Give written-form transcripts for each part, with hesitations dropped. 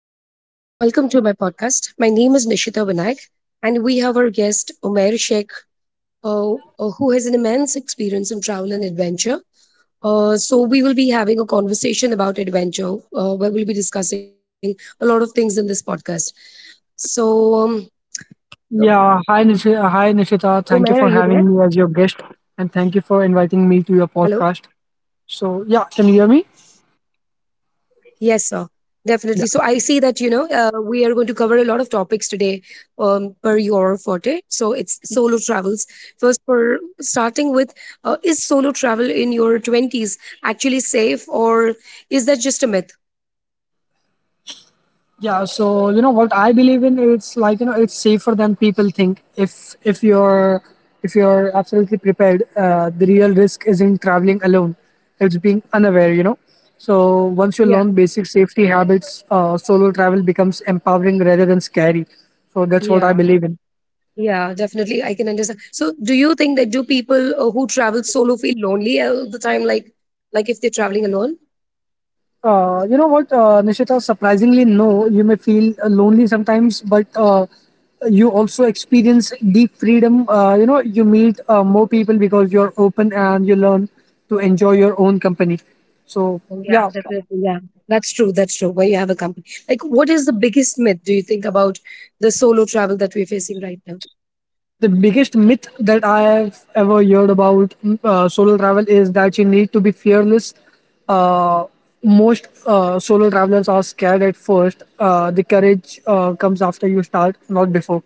everyone. Welcome to my podcast. My name is Nishita Vinayak, and we have our guest, Umair Sheikh, uh, who has an immense experience in travel and adventure. So, we will be having a conversation about adventure, where we'll be discussing a lot of things in this podcast. So, um, Yeah, hi Nishita. Hi Nishita. Umair, are Thank you you for there? having me as your guest and thank you for inviting me to Hello? your podcast. So, yeah, can you hear me? Yes, sir. Definitely. Yeah. So I see that, we are going to cover a lot of topics today, per your forte. So it's solo travels. First, for starting with, is solo travel in your 20s actually safe, or is that just a myth? Yeah, so you know what I believe in, it's like, you know, it's safer than people think. If you're absolutely prepared, the real risk isn't traveling alone. It's being unaware, you know. So, once you learn Yeah. basic safety habits, solo travel becomes empowering rather than scary. So, that's what I Yeah. believe in. Yeah, definitely. I can understand. So do you think that do people who travel solo feel lonely all the time, like if they're traveling alone? You know what, Nishita? Surprisingly, no. You may feel lonely sometimes, but you also experience deep freedom. You know, you meet more people because you're open and you learn to enjoy your own company. So, Oh, yeah, yeah, definitely. Yeah, that's true. That's true. Where you have a company. Like, what is the biggest myth do you think about the solo travel that we're facing right now? the biggest myth that I have ever heard about solo travel is that you need to be fearless. Uh, Most solo travelers are scared at first. The courage comes after you start, not before.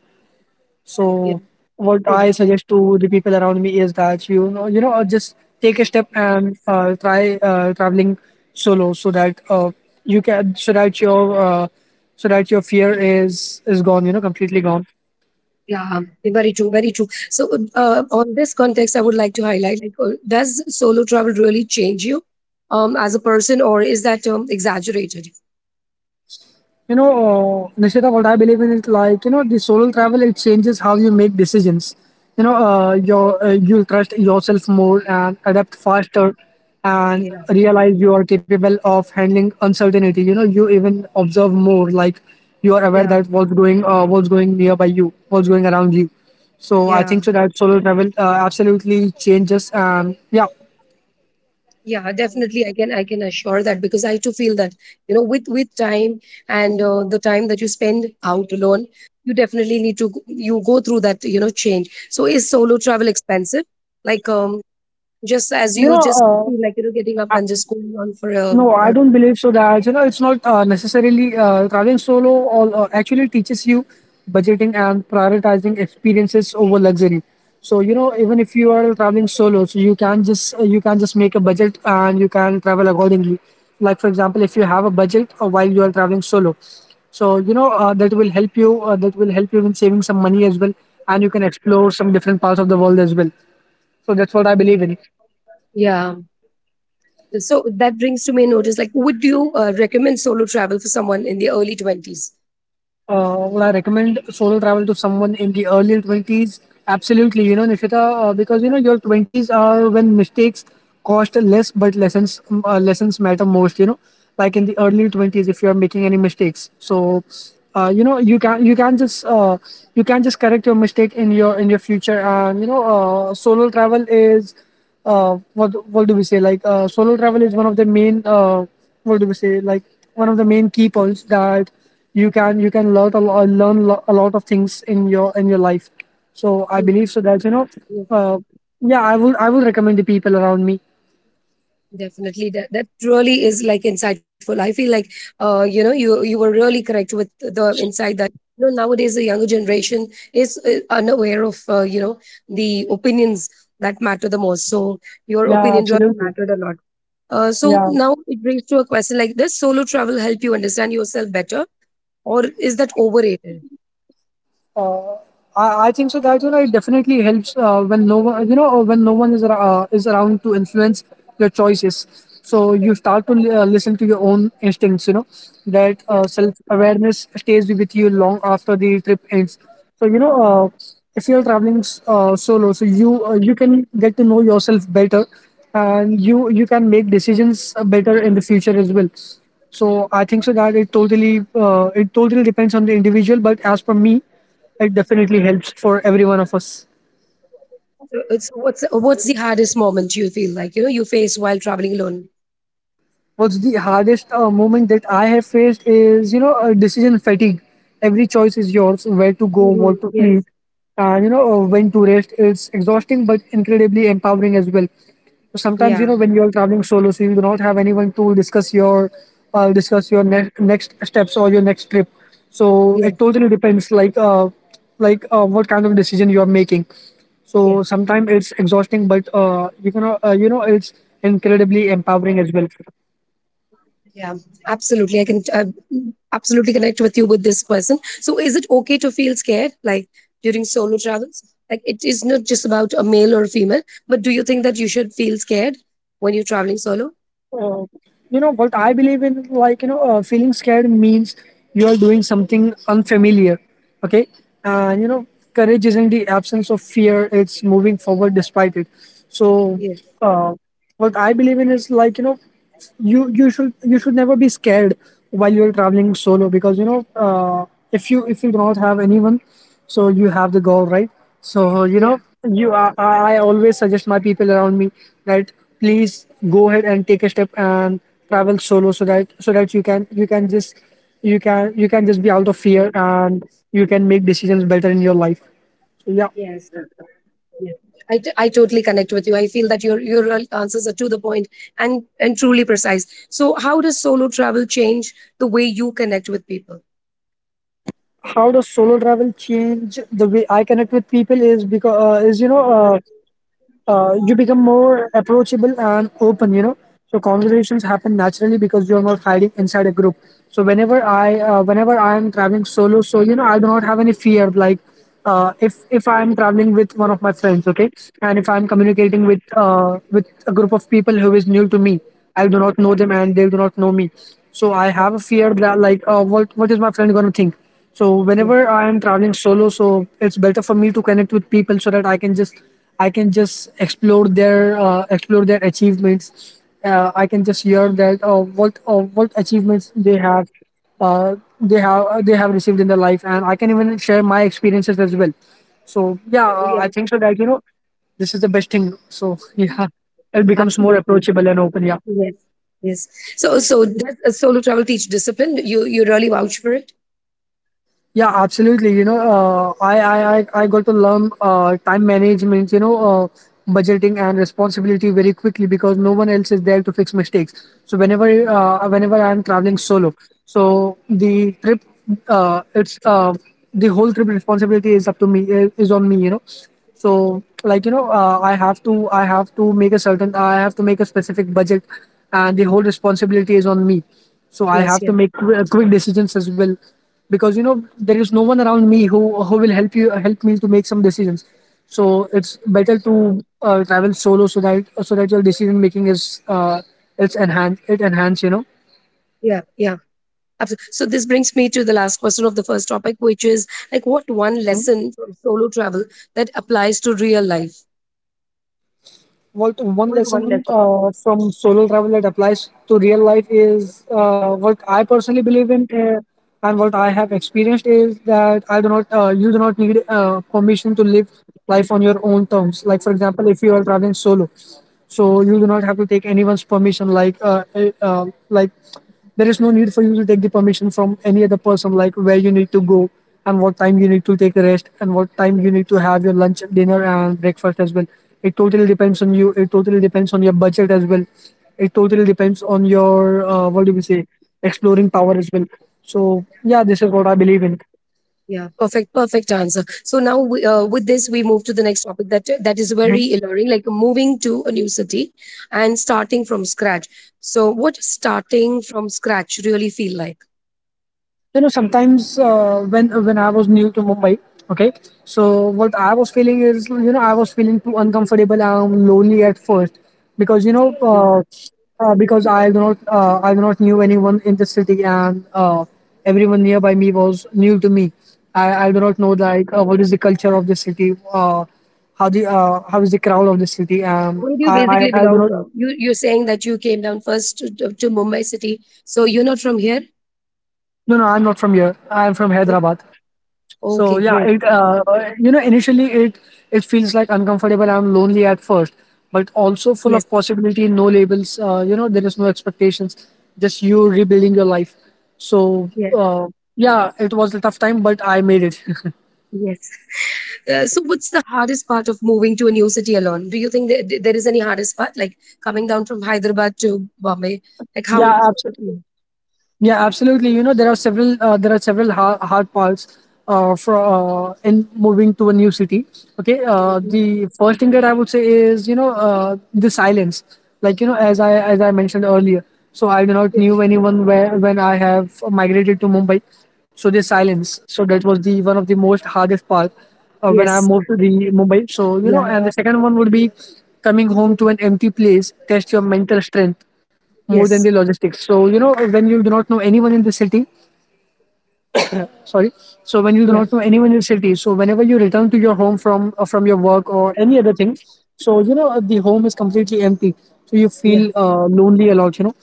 Yeah. So what I Mhm. suggest to the people around me is that you know, just take a step and try traveling solo, so that you can, so that so that your fear is gone, you know, completely gone. Yeah, very true, very true. So, on this context, I would like to highlight, like, does solo travel really change you, as a person, or is that, exaggerated? You know, Nishita, what I believe in is like, you know, the solo travel, it changes how you make decisions, you know. Your you'll trust yourself more and adapt faster and Yeah, realize you are capable of handling uncertainty. You know, you even observe more. Like, you are aware yeah, that what's going nearby you, what's going around you. So I yeah. think so that solo travel absolutely changes. And yeah, Yeah, definitely, I can assure that, because I too feel that, with time, and the time that you spend out alone, you definitely you go through that, change. So is solo travel expensive, like, just as you you just know, feel like, getting up and just going on for a no, I a- don't believe so that, you know, it's not necessarily, traveling solo all actually teaches you budgeting and prioritizing experiences over luxury. So, you know, even if you are traveling solo, so you can just make a budget and you can travel accordingly. Like for example, if you have a budget while you are traveling solo, so you know, that will help you. That will help you in saving some money as well, and you can explore some different parts of the world as well. So that's what I believe in. Yeah, so that brings to me notice, like, would you recommend solo travel for someone in the early 20s? Would I recommend solo travel to someone in the early 20s? Absolutely, you know, Nishita, because you know your 20s are when mistakes cost less, but lessons lessons matter most. You know, like in the early 20s, if you are making any mistakes, so you know, you can just you can just correct your mistake in your future. And you know, solo travel is what do we say, like, solo travel is one of the main what do we say, like, one of the main key points, that you can learn learn a lot of things in your life. So I believe so that, you know, uh, yeah, I would recommend the people around me. Definitely, that really is, like, insightful. I feel like, you were really correct with the insight that, nowadays the younger generation is unaware of, the opinions that matter the most. So your Yeah, opinion really absolutely. mattered a lot. So Yeah. now it brings to a question, like, does solo travel help you understand yourself better, or is that overrated? Uh, I think so. That you know, it definitely helps when no one, you know, when no one is is around to influence your choices. So you start to listen to your own instincts. You know that Yeah. Self awareness stays with you long after the trip ends. So you know, if you're traveling solo, so you can get to know yourself better, and you can make decisions better in the future as well. So I think so that it totally depends on the individual. But as per me, it definitely helps for every one of us. So it's what's the hardest moment you feel like, you face while traveling alone? What's the hardest moment that I have faced is, you know, decision fatigue. Every choice is yours, where to go, Hmm. what to eat, Yes. and, you know, when to rest. It's exhausting but incredibly empowering as well. So sometimes, you Yeah. know, when you're traveling solo, so you do not have anyone to discuss your next steps or your next trip. So it Yes. totally depends, like, what kind of decision you are making. So Yes. sometimes it's exhausting, but you can, you know, it's incredibly empowering as well. Yeah, absolutely. I can, absolutely connect with you with this person. So, is it okay to feel scared, like during solo travels? Like, it is not just about a male or a female, but do you think that you should feel scared when you're traveling solo? uh, you know what I believe in, like, you know, feeling scared means you are doing something unfamiliar. Okay, and you know, courage isn't the absence of fear, it's moving forward despite it. So Yes. uh, what I believe in is like, you know, you should never be scared while you're traveling solo, because you know, if you do not have anyone, so you have the goal, right? So you Yeah. know, you I always suggest my people around me that please go ahead and take a step and travel solo, so that so that you can just you can just be out of fear and you can make decisions better in your life. So yeah. Yes. Yes. I totally connect with you. I feel that your real answers are to the point and truly precise. So, how does solo travel change the way you connect with people? How does solo travel change the way I connect with people is, because is you know, you become more approachable and open, you know. So conversations happen naturally because you're not hiding inside a group. So whenever I am traveling solo, so you know, I do not have any fear. Like, if I am traveling with one of my friends, okay, and if I am communicating with a group of people who is new to me, I do not know them and they do not know me, so I Yes. have a fear that, like, what what is my friend going to think. So Yes. whenever I am traveling solo, so it's better for me to connect with people so that I can just explore their achievements. I can just hear that what achievements they have they have received in their life, and I can even share my experiences as well. So yeah, I Yes. think so that you know, this is the best thing. So yeah, it becomes more Absolutely. approachable and open. Yeah. Yes. Yes. So, so does, solo travel teach discipline? You really vouch for it? Yeah, absolutely. You know, I got to learn time management, you know, budgeting and responsibility very quickly because no one else is there to fix mistakes. So whenever I'm traveling solo, so the trip, it's the whole trip responsibility is up to me, is on me, you know. So like you know, I have to make a certain, I have to make a specific budget, and the whole responsibility is on me, so I Yes. have to Yes. make quick decisions as well, because you know, there is no one around me who who will help me to make some decisions. So it's better to travel solo, so that so that your decision making is uh, it's enhanced, it enhanced, you know. Yeah. Yeah. Absolutely. So this brings me to the last question of the first topic, which is like, what one lesson from solo travel that applies to real life? What one What is the one lesson lesson? From solo travel that applies to real life is, what I personally believe in, and what I have experienced, is that I do not you do not need permission to live life on your own terms. Like for example, if you are traveling solo, so you do not have to take anyone's permission. Like, like, there is no need for you to take the permission from any other person, like where you need to go and what time you need to take a rest and what time you need to have your lunch, dinner, and breakfast as well. It totally depends on you. It totally depends on your budget as well. It totally depends on your what do we say, exploring power as well. So yeah, this is Yeah. what I believe in. Yeah. Perfect. Perfect answer. So now, we, with this, we move to the next topic that is very Mm-hmm. alluring, like moving to a new city and starting from scratch. So, what does starting from scratch really feel like? You know, sometimes, when I was new to Mumbai, okay, so what I was feeling is, you know, I was feeling too uncomfortable and lonely at first, because you know, uh, because I do not knew anyone in the city, and everyone nearby me was new to me. I do not know, like, what is the culture of the city, uh, how the, how is the crowd of the city, um, Where do you basically I do belong not. from? You're saying that you came down first to, Mumbai city, so you're not from here. No, no, I'm not from here. I'm from O- Hyderabad. So Okay, yeah, great. it you know, initially it feels like uncomfortable. I'm lonely at first, but also full Yes, of possibility. No labels. You know, there is no expectations. Just you rebuilding your life. So yes, uh, yeah, it was a tough time, but I made it. yes. So, what's the hardest part of moving to a new city alone? Do you think that there is any hardest part, like coming down from Hyderabad to Bombay? Like, how Yeah, was it with absolutely. you? Yeah, absolutely. You know, there are several hard parts for in moving to a new city. Okay, Mm. the first thing that I would say is the silence. Like, you know, as I mentioned earlier, so I do not Yes, knew anyone where when I have migrated to Mumbai. So the silence. So that was the one of the most hardest part when I yes, moved to the Mumbai. So, yeah, and the second one would be coming home to an empty place. Test your mental strength more than the yes, logistics. So, you know, when you do not know anyone in the city, sorry, so when you do yeah, not know anyone in the city, so whenever you return to your home from your work or any other thing, so the home is completely empty, so you yeah, feel lonely a lot,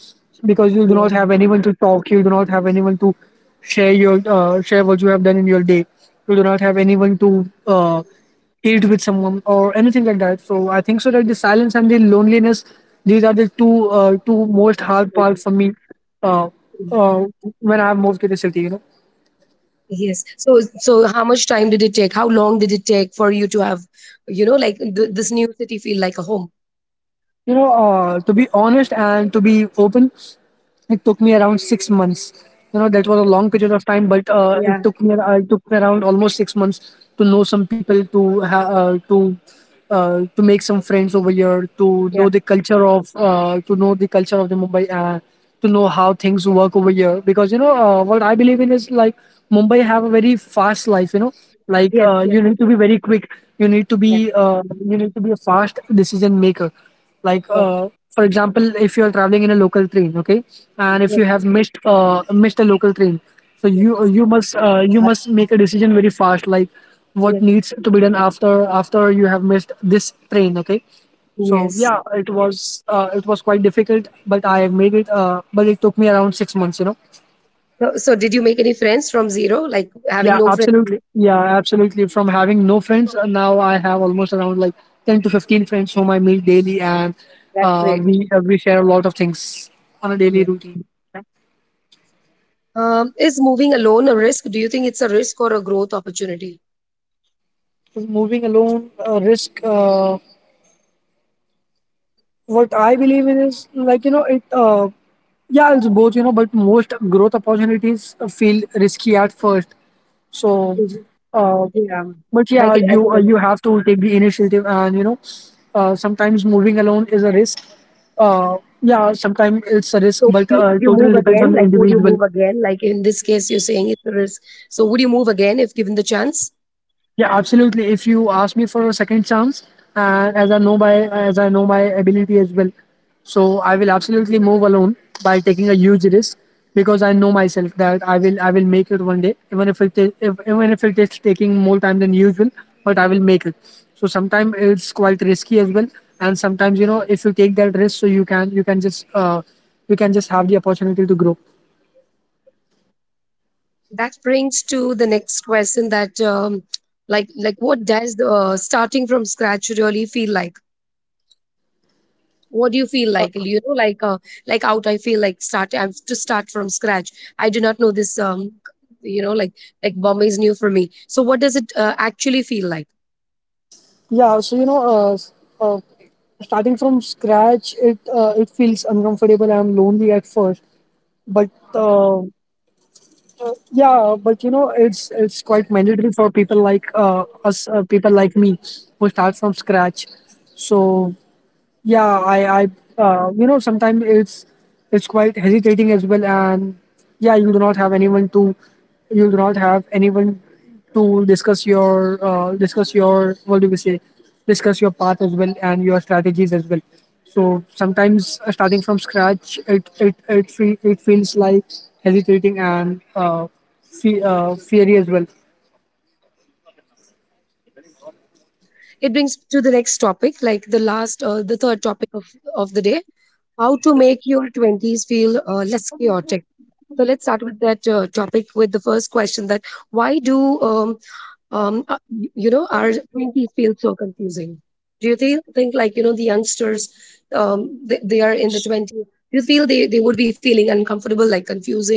because you do not have yeah. anyone to talk, you do not have anyone to share what you have done in your day, you do not have anyone to uh, eat with someone or anything like that. So I think, so that the silence and the loneliness, these are the two most hard parts for me uh, uh, when I have moved to the city. Yes. So, so how much time did it take? How long did it take for you to have, this new city feel like a home? You know, to be honest and to be open, it took me around 6 months. You know, that was a long period of time, but Yeah, it took me around almost 6 months to know some people, to ha- to make some friends over here, to know yeah. the culture of to know the culture of the Mumbai, to know how things work over here. Because, you know, what I believe in is like Mumbai have a very fast life. You know, like, Yes, yes, you need to be very quick. You need to yes. be you need to be a fast decision maker, like, Yes, for example, if you're traveling in a local train, okay, and if yes, you have missed a local train, so you yes. you must uh, you must Absolutely. make a decision very fast, like Yes, what needs to be done after you have missed this train, okay. So yes. yeah, it was quite difficult, but I have made it, but it took me around 6 months. So, so did you make any friends from zero? Like having Yeah, no friends? absolutely. Yeah, absolutely. From having no friends, now I have almost around like 10 to 15 friends whom I meet daily, and That's great. we share a lot of things on a daily Yes. routine. Is moving alone a risk? Do you think it's a risk or a growth opportunity? 'Cause moving alone, risk. What I believe in is like, you know it. Yeah, it's both, but most growth opportunities feel risky at first. So, Mhm. uh, Yeah, but I yeah, can, I you can uh, you understand. have to take the initiative, and sometimes moving alone is a risk, uh, yeah, sometimes it's a risk, So would but you would you totally move depends again? on the Like, would you individual. move again? Like, in this case, you're saying it's a risk. So would you move again if given the chance? Yeah, absolutely. If you ask me for a second chance, and as I know my ability as well, so I will absolutely move alone by taking a huge risk, because I know myself that I will make it one day, even if it is if, even if it is taking more time than usual, but I will make it. So sometimes it's quite risky as well, and sometimes, if you take that risk, so you can, you can just have the opportunity to grow. That brings to the next question that, like, what does the, starting from scratch really feel like? What do you feel like, like out I feel like, start I have to start from scratch, I do not know this. Um you know like like Bombay is new for me. So what does it actually feel like? Yeah, so, you know, uh, starting from scratch, it feels uncomfortable, I am lonely at first. But uh, uh, yeah, but you know, it's quite mandatory for people like me, who start from scratch. So yeah, sometimes it's quite hesitating as well, and yeah, you do not have anyone to, you do not have anyone to what do we say, discuss your path as well and your strategies as well. So sometimes, starting from scratch, it feels like hesitating and feary as well. um it brings to the next topic, like the last, the third topic of the day: how to make your 20s feel, less chaotic. So let's start with that, topic with the first question, that why do, you know, our 20s feel so confusing? Do you think, like, you know, the youngsters, they are in the 20s, do you feel they would be feeling uncomfortable, like confusing?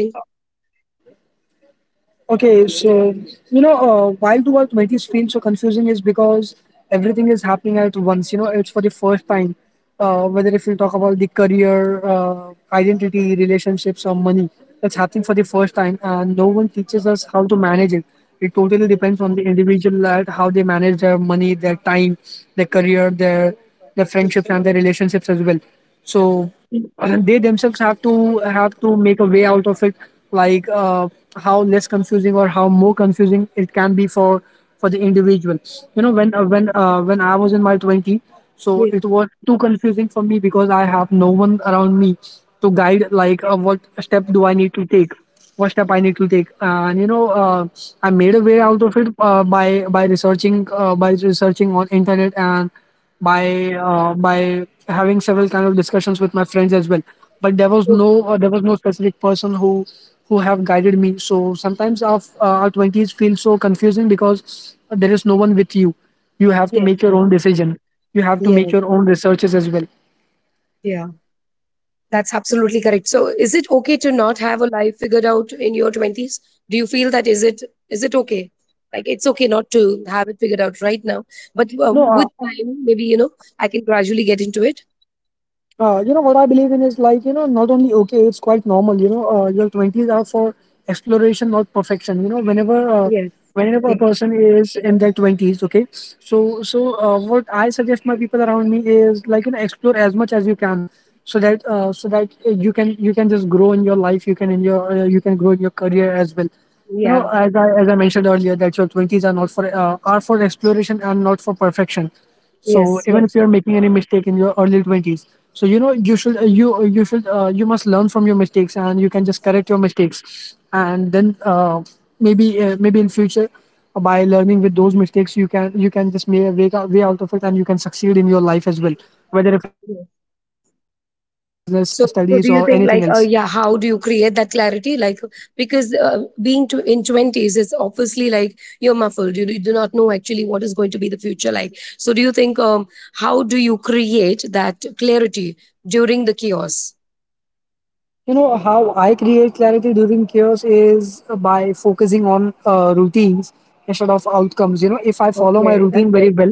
Okay, so, you know, why do our twenties feel so confusing is because everything is happening at once. You know, it's for the first time. Whether if you talk about the career, identity, relationships, or money, that's happening for the first time, and no one teaches us how to manage it. It totally depends on the individual at how they manage their money, their time, their career, their friendships, and their relationships as well. So they themselves have to make a way out of it, like uh, how less confusing or how more confusing it can be for the individual. You know, when I was in my twenty, so Yes, it was too confusing for me because I have no one around me to guide, like, what step I need to take, and you know, I made a way out of it, by researching, by researching on internet, and by having several kind of discussions with my friends as well, but there was oh, no uh, there was no specific person who have guided me. So sometimes our 20s feel so confusing because there is no one with you. You have to yes, make your yes, own decision, you have to make yes, your own researches as well. yeah. That's absolutely correct. So is it okay to not have a life figured out in your 20s? Do you feel that, is it okay, like, it's okay not to have it figured out right now, but, No. with time, maybe, you know, I can gradually get into it? You know what I believe in is like, not only okay, it's quite normal. You know, your 20s are for exploration, not perfection. You know, whenever uh, Yes, whenever a yes, person is in their 20s, okay. So, what I suggest my people around me is like, explore as much as you can, so that you can just grow in your life. You can grow in your career as well. You know, yeah, as I mentioned earlier, that your 20s are not for are for exploration and not for perfection. So, yes, even yes. if you are making any mistake in your early 20s, so you should you you should you must learn from your mistakes, and you can just correct your mistakes, and then maybe in future, by learning with those mistakes, you can just make a way out of it, and you can succeed in your life as well, whether if it is a business studies or anything else. So, so do you think, like, how do you create that clarity? Like, because, being to, in twenties, it's obviously like you're muffled. You do not know actually what is going to be the future like. So, do you think, how do you create that clarity during the chaos? You know, how I create clarity during chaos is by focusing on routines instead of outcomes. You know, if I follow my Okay, that's routine great. very well,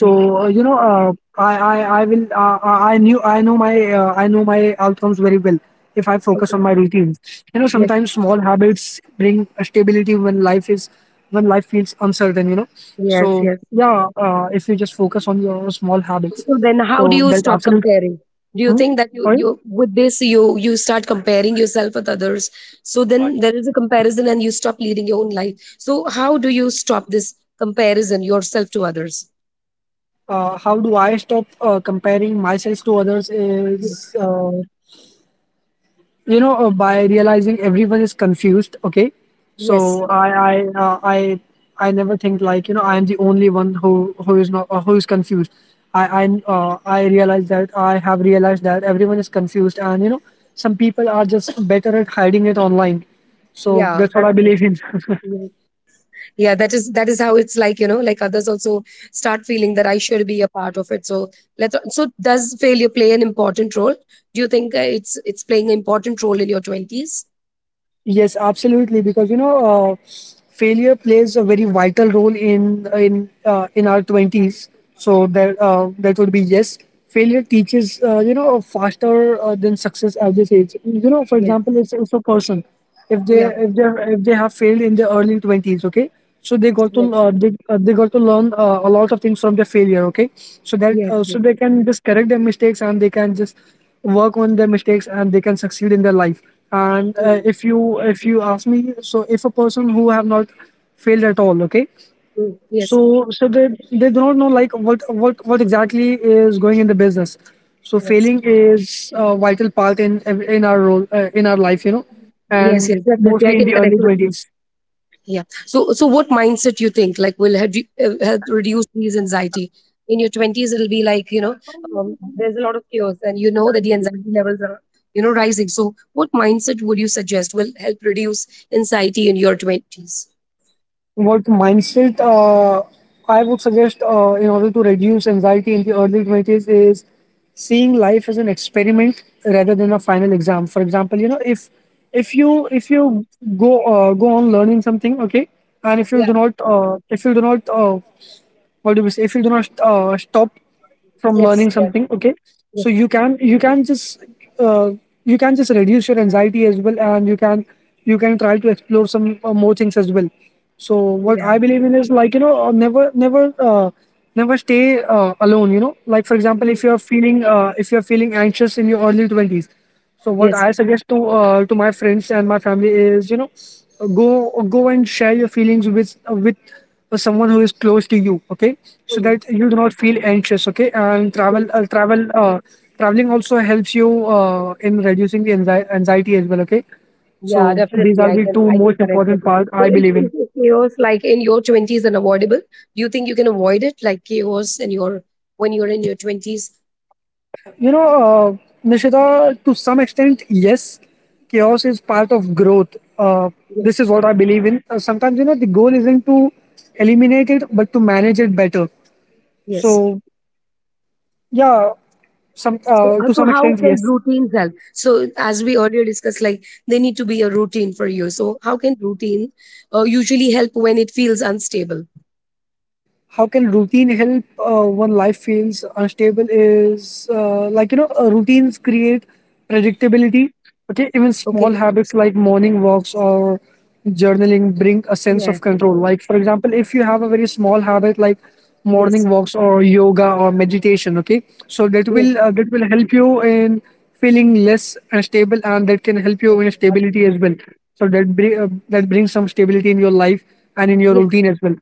Mm. I will I knew I know my outcomes very well. If I focus on Okay. my routines, you know, Yes, sometimes small habits bring a stability when life feels uncertain. You know, yes, so yes. yeah, if you just focus on your small habits, So then how do so you that stop absolutely. comparing? Do you Hmm? think that you with this you start comparing yourself with others? So then there is a comparison and you stop leading your own life. So how do you stop this comparison yourself to others? How do I stop comparing myself to others is, Yes. By realizing everyone is confused. Okay, so Yes. I never think like, I am the only one who is not who is confused. I realize that I have realized that everyone is confused, and some people are just better at hiding it online. So Yeah, that's what that's I true. believe in. Yes. Yeah, that is how it's like, you know, like others also start feeling that I should be a part of it. So let's, so does failure play an important role? Do you think it's playing an important role in your 20s? Yes. Yes, absolutely. Because, you know, uh, failure plays a very vital role in our 20s. So that would be yes. Failure teaches faster than success at this age. You know, for example, it's a person, if they Yeah. if they if they have failed in their early 20s, okay. So they got to Yes. uh, they, uh, they got to learn a lot of things from their failure, okay. So that Yes. uh, so they can just correct their mistakes, and they can just work on their mistakes, and they can succeed in their life. And Mm, if you ask me, so if a person who have not failed at all, okay, mm. Yes, so they do not know like what exactly is going in the business. So yes. failing is a vital part in our role, in our life, you know, Yes, and yes, definitely. I mostly in can the connect early with you. 20s. Yeah. So, so what mindset you think, like, will help you, help reduce these anxiety? In your twenties, it'll be like, you know, there's a lot of chaos, and you know that the anxiety levels are, rising. So, what mindset would you suggest will help reduce anxiety in your twenties? What mindset I would suggest, in order to reduce anxiety in the early 20s, is seeing life as an experiment rather than a final exam. For example, you know, if you go on learning something, okay, and Yeah. If you do not what do we say, if you do not, stop from Yes. learning Yes. something, okay. So Yes. you can, uh, you can just reduce your anxiety as well, and you can, try to explore some, more things as well. So what Yeah. I believe in is, like, you know, uh, never stay, alone, you know, like, for example, Mm. if you are feeling, anxious in your early 20s. So what I Yes. suggest, to my friends and my family, is, you know, go go and share your feelings with someone who is close to you. Okay, so Mm. that you do not feel anxious. Okay, and Mm. Traveling also helps you, in reducing the anxiety as well. Okay, Yeah, so these definitely. are I the can two I can most connect with important you. parts So I is, believe in. is is chaos, like, in your twenties, unavoidable? Do you think you can avoid it, like chaos in your, when you're in your twenties? You know, Nishita, to some extent, yes, chaos is part of growth. Yes. This is what I believe in. Sometimes, you know, the goal isn't to eliminate it, but to manage it better. Yes. So, yeah, some So, uh, to so some how extent, yes. can routines help? So as we earlier discussed, like, they need to be a routine for you. So how can routine usually help when it feels unstable? How can routine help, when life feels unstable, is, like, you know, routines create predictability. Okay, even Okay. small habits like morning walks or journaling bring a sense of Yes. control. Like, for example, if you have a very small habit like Yes. morning walks or yoga or meditation, okay, so Yes. That will help you in feeling less unstable, and that can help you in stability as well. So that brings some stability in your life, and in your Yes. routine as well.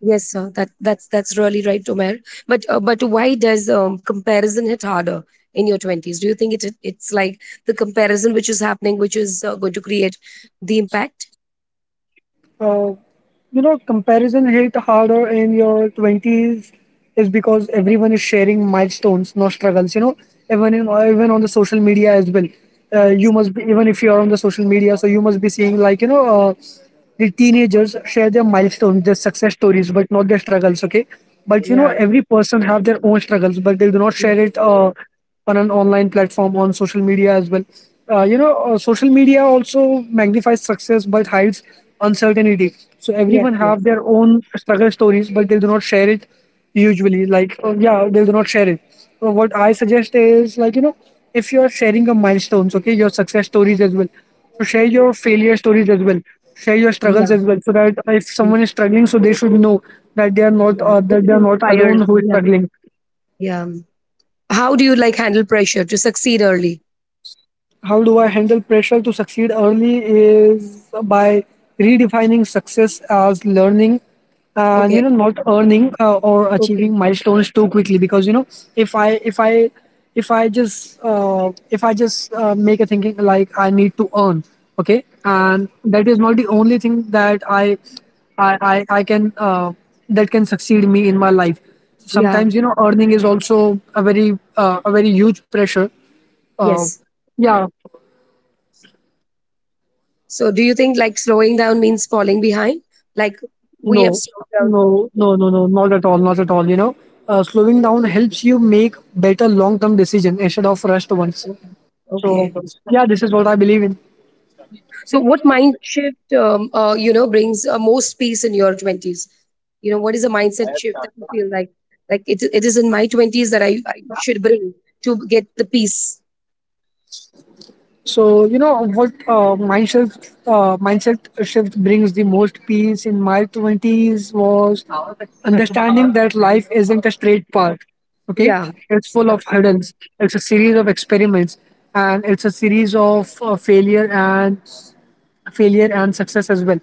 Yes, sir. That's really right, Omer. But, but why does, comparison hit harder in your twenties? Do you think it's like the comparison which is happening, which is going to create the impact? Uh, you know, comparison hit harder in your 20s is because everyone is sharing milestones, no struggles. You know, even on the social media as well. You Yes. must be Even if you are on the social media, so you must be seeing, like, you know, the teenagers share their milestones, their success stories, but not their struggles. Okay, but you know Yeah. every person have their own struggles, but they do not share Yes. it. On an online platform, on social media as well, you know, social media also magnifies success but hides uncertainty. So Yes. everyone have Yes. their own struggle stories, but they do not share it, usually, like, yeah, they do not share it. So what I suggest is, like, you know, if you are sharing your milestones, okay, your success stories as well, so share Mm. your failure stories as well, share your struggles as Yeah. well, so that if Yes. someone is struggling, so they should know that they are not Yeah. It that they it are not alone inspires. who is Yeah. struggling. Yeah. How do you like handle pressure to succeed early? How do I handle pressure to succeed early is by redefining success as learning, and, you Okay. know, not earning, or Okay. achieving milestones too quickly. Because you know, if I if I if I just, make a thinking like I need to earn, okay, and that is not the only thing that I can, that can succeed me in my life. Yeah. Sometimes, you know, earning is also a very, huge pressure. Uh, Yes. yeah. So do you think like slowing down means falling behind? Like, No, we have slowed down, no, so no, yes. no, no, not at all, not at all. You know, slowing down helps you make better long-term decision instead of rushed ones. Okay. Okay. Yeah, this is what I believe in. So, what mind shift, brings, most peace in your twenties? You know, what is a mindset shift that you feel like it is in my twenties that I should bring to get the peace? So, you know, what mindset shift brings the most peace in my twenties was understanding that life isn't a straight path. Okay, Yeah, it's full of absolutely. hurdles. It's a series of experiments, and it's a series of, failure, and success as well.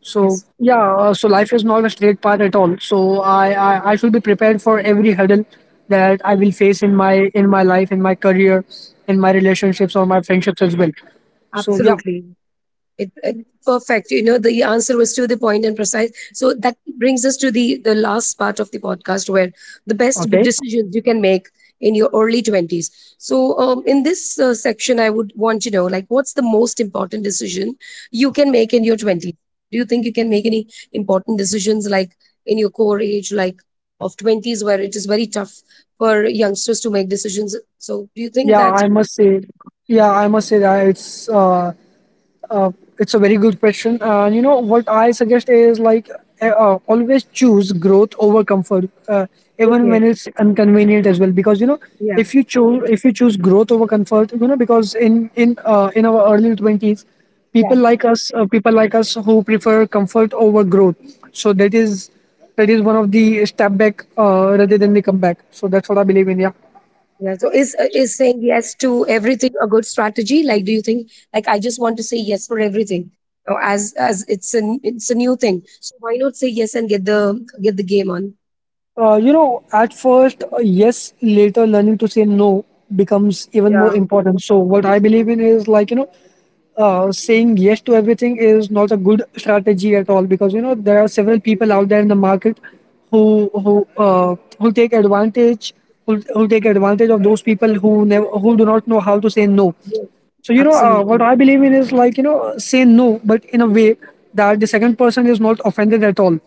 So, Yes, yeah, so life is not a straight path at all. So I should be prepared for every hurdle that I will face in my life, in my career, in my relationships or my friendships as well. So, yeah, absolutely. Perfect. You know, the answer was to the point and precise. So that brings us to the last part of the podcast, where the okay, decisions you can make in your early 20s. So, in this, section, I would want to know, like, what's the most important decision you can make in your twenties? Do you think you can make any important decisions, like in your core age, like of twenties, where it is very tough for youngsters to make decisions? So do you think yeah, that? I must say that Uh, it's a very good question. And you know what I suggest is, like, always choose growth over comfort, even when Okay. it's inconvenient as well. Because you know, Yeah. If you choose growth over comfort, you know, because in our early 20s, people like us who prefer comfort over growth. So that is one of the step back, rather than the comeback. So that's what I believe in. Yeah. Yeah. So is saying yes to everything a good strategy? Like, do you think like I just want to say yes for everything, or as it's a new thing. So why not say yes and get the game on? You know, at first, yes, later learning to say no becomes even more Yeah. important. So, what I believe in is, like, you know, saying yes to everything is not a good strategy at all, because, you know, there are several people out there in the market who take advantage, who take advantage of those people who do not know how to say no. Yes. So, you know, what Absolutely. I believe in is, like, you know, say no, but in a way that the second person is not offended at all.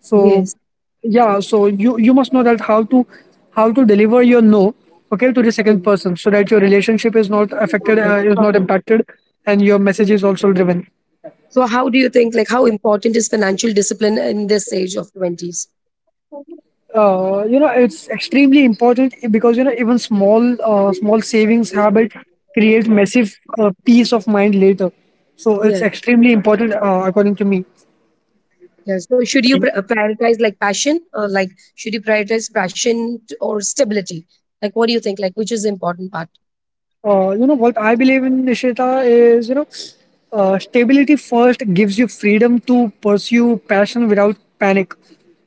So, Yes, yeah, so you must know that how to, deliver your no, okay, to the second yes. person, so that your relationship is not affected, Perfect. Is not Perfect. impacted, and your message is also driven. So how do you think, like, how important is financial discipline in this age of twenties? You know, it's extremely important because you know even small savings habit create massive, peace of mind later. So it's Yeah. extremely important, according to me. Yeah. So should you prioritize like passion, or like should you prioritize passion or stability? Like, what do you think? Like, which is the important part? You know what I believe in, Nishita, is, you know, stability first gives you freedom to pursue passion without panic.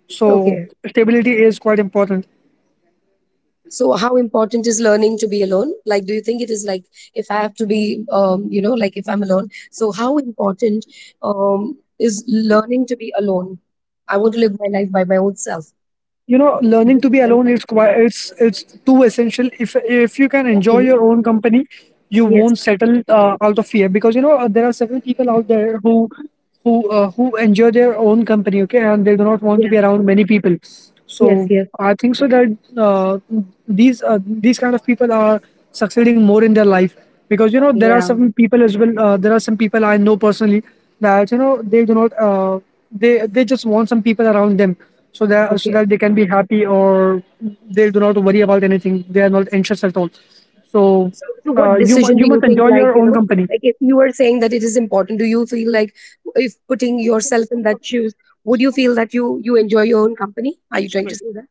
So Okay. stability is quite important. So how important is learning to be alone? Like, do you think it is like if I have to be, like if I'm alone, so how important is learning to be alone? I want to live my life by my own self. You know, learning This to be is an- alone, it's quite, it's too essential. If you can enjoy okay. your own company, you Yes. won't settle, out of fear, because you know, there are several people out there who enjoy their own company, okay, and they do not want to Yeah. be around many people. So Yes, yes. I think so that, uh, these uh, these kind of people are succeeding more in their life, because, you know, Yeah. There are some people I know personally that, you know, they do not they they just want some people around them, so Okay. that they can be happy, or they do not worry about anything; they are not anxious at all. So, So, so what decision do you you must think, enjoy your like you own know company, like if you were saying that it is important, do you feel like if putting yourself in that shoes, would you feel that you enjoy your own company? Are you trying to say that?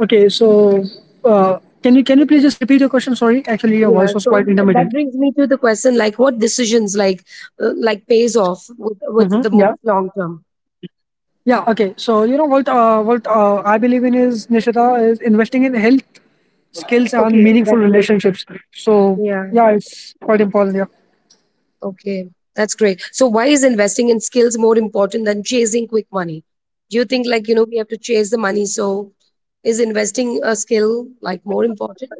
okay. So, uh, can you please just repeat your question? Sorry, actually your Yeah, voice was so quite that intermittent. brings me to the question, like, what decisions, like like, pays off with Hmm. the most long term. Yeah, okay. So, you know, what, I believe in is, Nishita, is investing in health, skills, and Okay, meaningful that's great. relationships. So, Yeah, yeah, it's quite important. Yeah, okay. That's great. So why is investing in skills more important than chasing quick money? Do you think, like, you know, we have to chase the money, so is investing a skill, like, more important?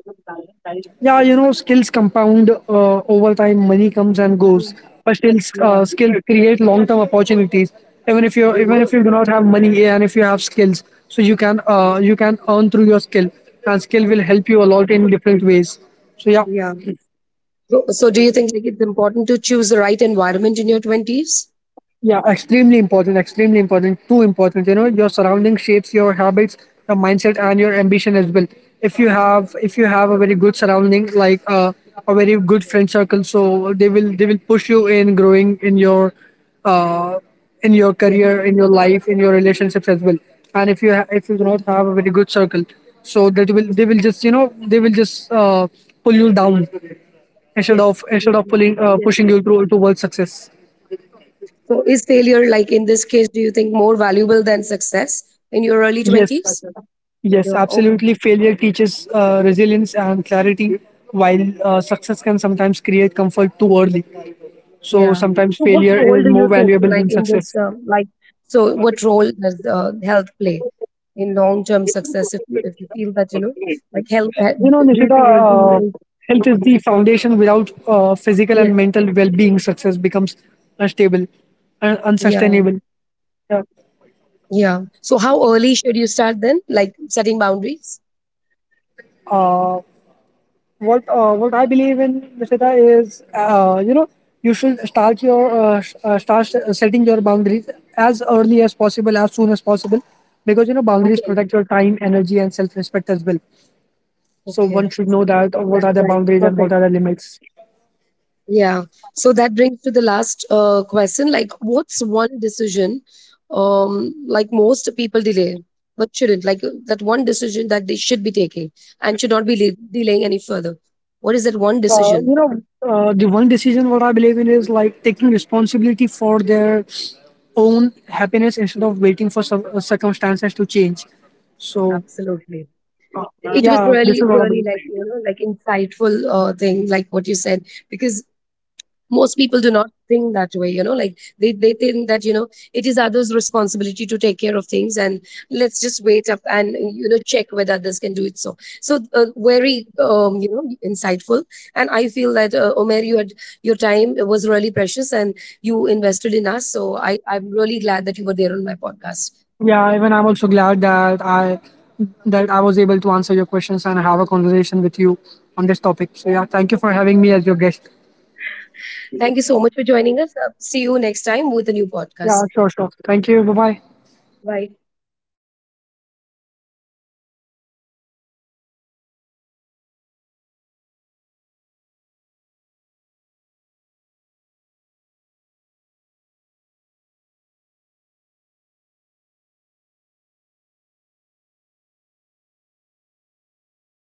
yeah. You know, skills compound, over time. Money comes and goes, Mm. but Yeah. Skills create long term opportunities. Even Okay. if you do not have money, yeah, and if you have skills, so you can earn through your skill, and skill will Okay. help you a lot in different ways. So yeah. Yeah. So, so do you think like it's important to choose the right environment in your 20s? Yeah, extremely important, too important. You know, your surrounding shapes your habits, your mindset, and your ambition as well. If you have a very good surrounding, like, a very good friend circle, so they will push you in growing uh, in your Yes. career, in your life, in your relationships as well. And if you do not have a very good circle, so that will they will just, you know, they will just pull you down, Yes. Yes. Instead of pulling Yes. pushing you to, towards success. So, is failure, like in this case, do you think more valuable than success in your early Yes, 20s? yes, Yeah, okay. absolutely. Failure teaches, resilience and clarity, while success can sometimes create comfort too early. So Yeah. sometimes So, what role failure is do you more think, valuable like than in this, success. Like, so what role does health play in long term success if you feel that, you know, like health, You know, do you Nishita, think healthy is, health is the foundation. Without, physical yeah. and mental well-being, success becomes unstable and Yeah. unsustainable. Yeah. Yeah. So, how early should you start then, like, setting boundaries? Uh, what I believe in, Nishita, is, you know, you should start your sh- start s- setting your boundaries as early as possible, as soon as possible, because, you know, boundaries Okay. protect your time, energy, and self-respect as well. So Okay. one should know That's that, what are the right. boundaries and what Perfect. are the limits. Yeah. So that brings to the last question. Like, what's one decision, like, most people delay, but shouldn't? Like, that one decision that they should be taking and should not be delaying any further. What is that one decision? You know, the one decision what I believe in is, like, taking responsibility for their own happiness instead of waiting for some, circumstances to change. So, Absolutely. uh, It was yeah, this really, is what I really, believe. like, you know, like, insightful thing, like, what you said, because most people do not think that way, you know, like they think that, you know, it is others responsibility to take care of things and let's just wait up and, you know, check whether others can do it. So so very insightful, and I feel that, Omer, you had your time was really precious, and you invested in us, so I'm really glad that you were there on my podcast. Yeah, even I'm also glad that I was able to answer your questions and have a conversation with you on this topic. So, yeah, thank you for having me as your guest. Thank you so much for joining us. See you next time with a new Yeah, podcast. sure, sure. Thank you. Bye bye. Bye.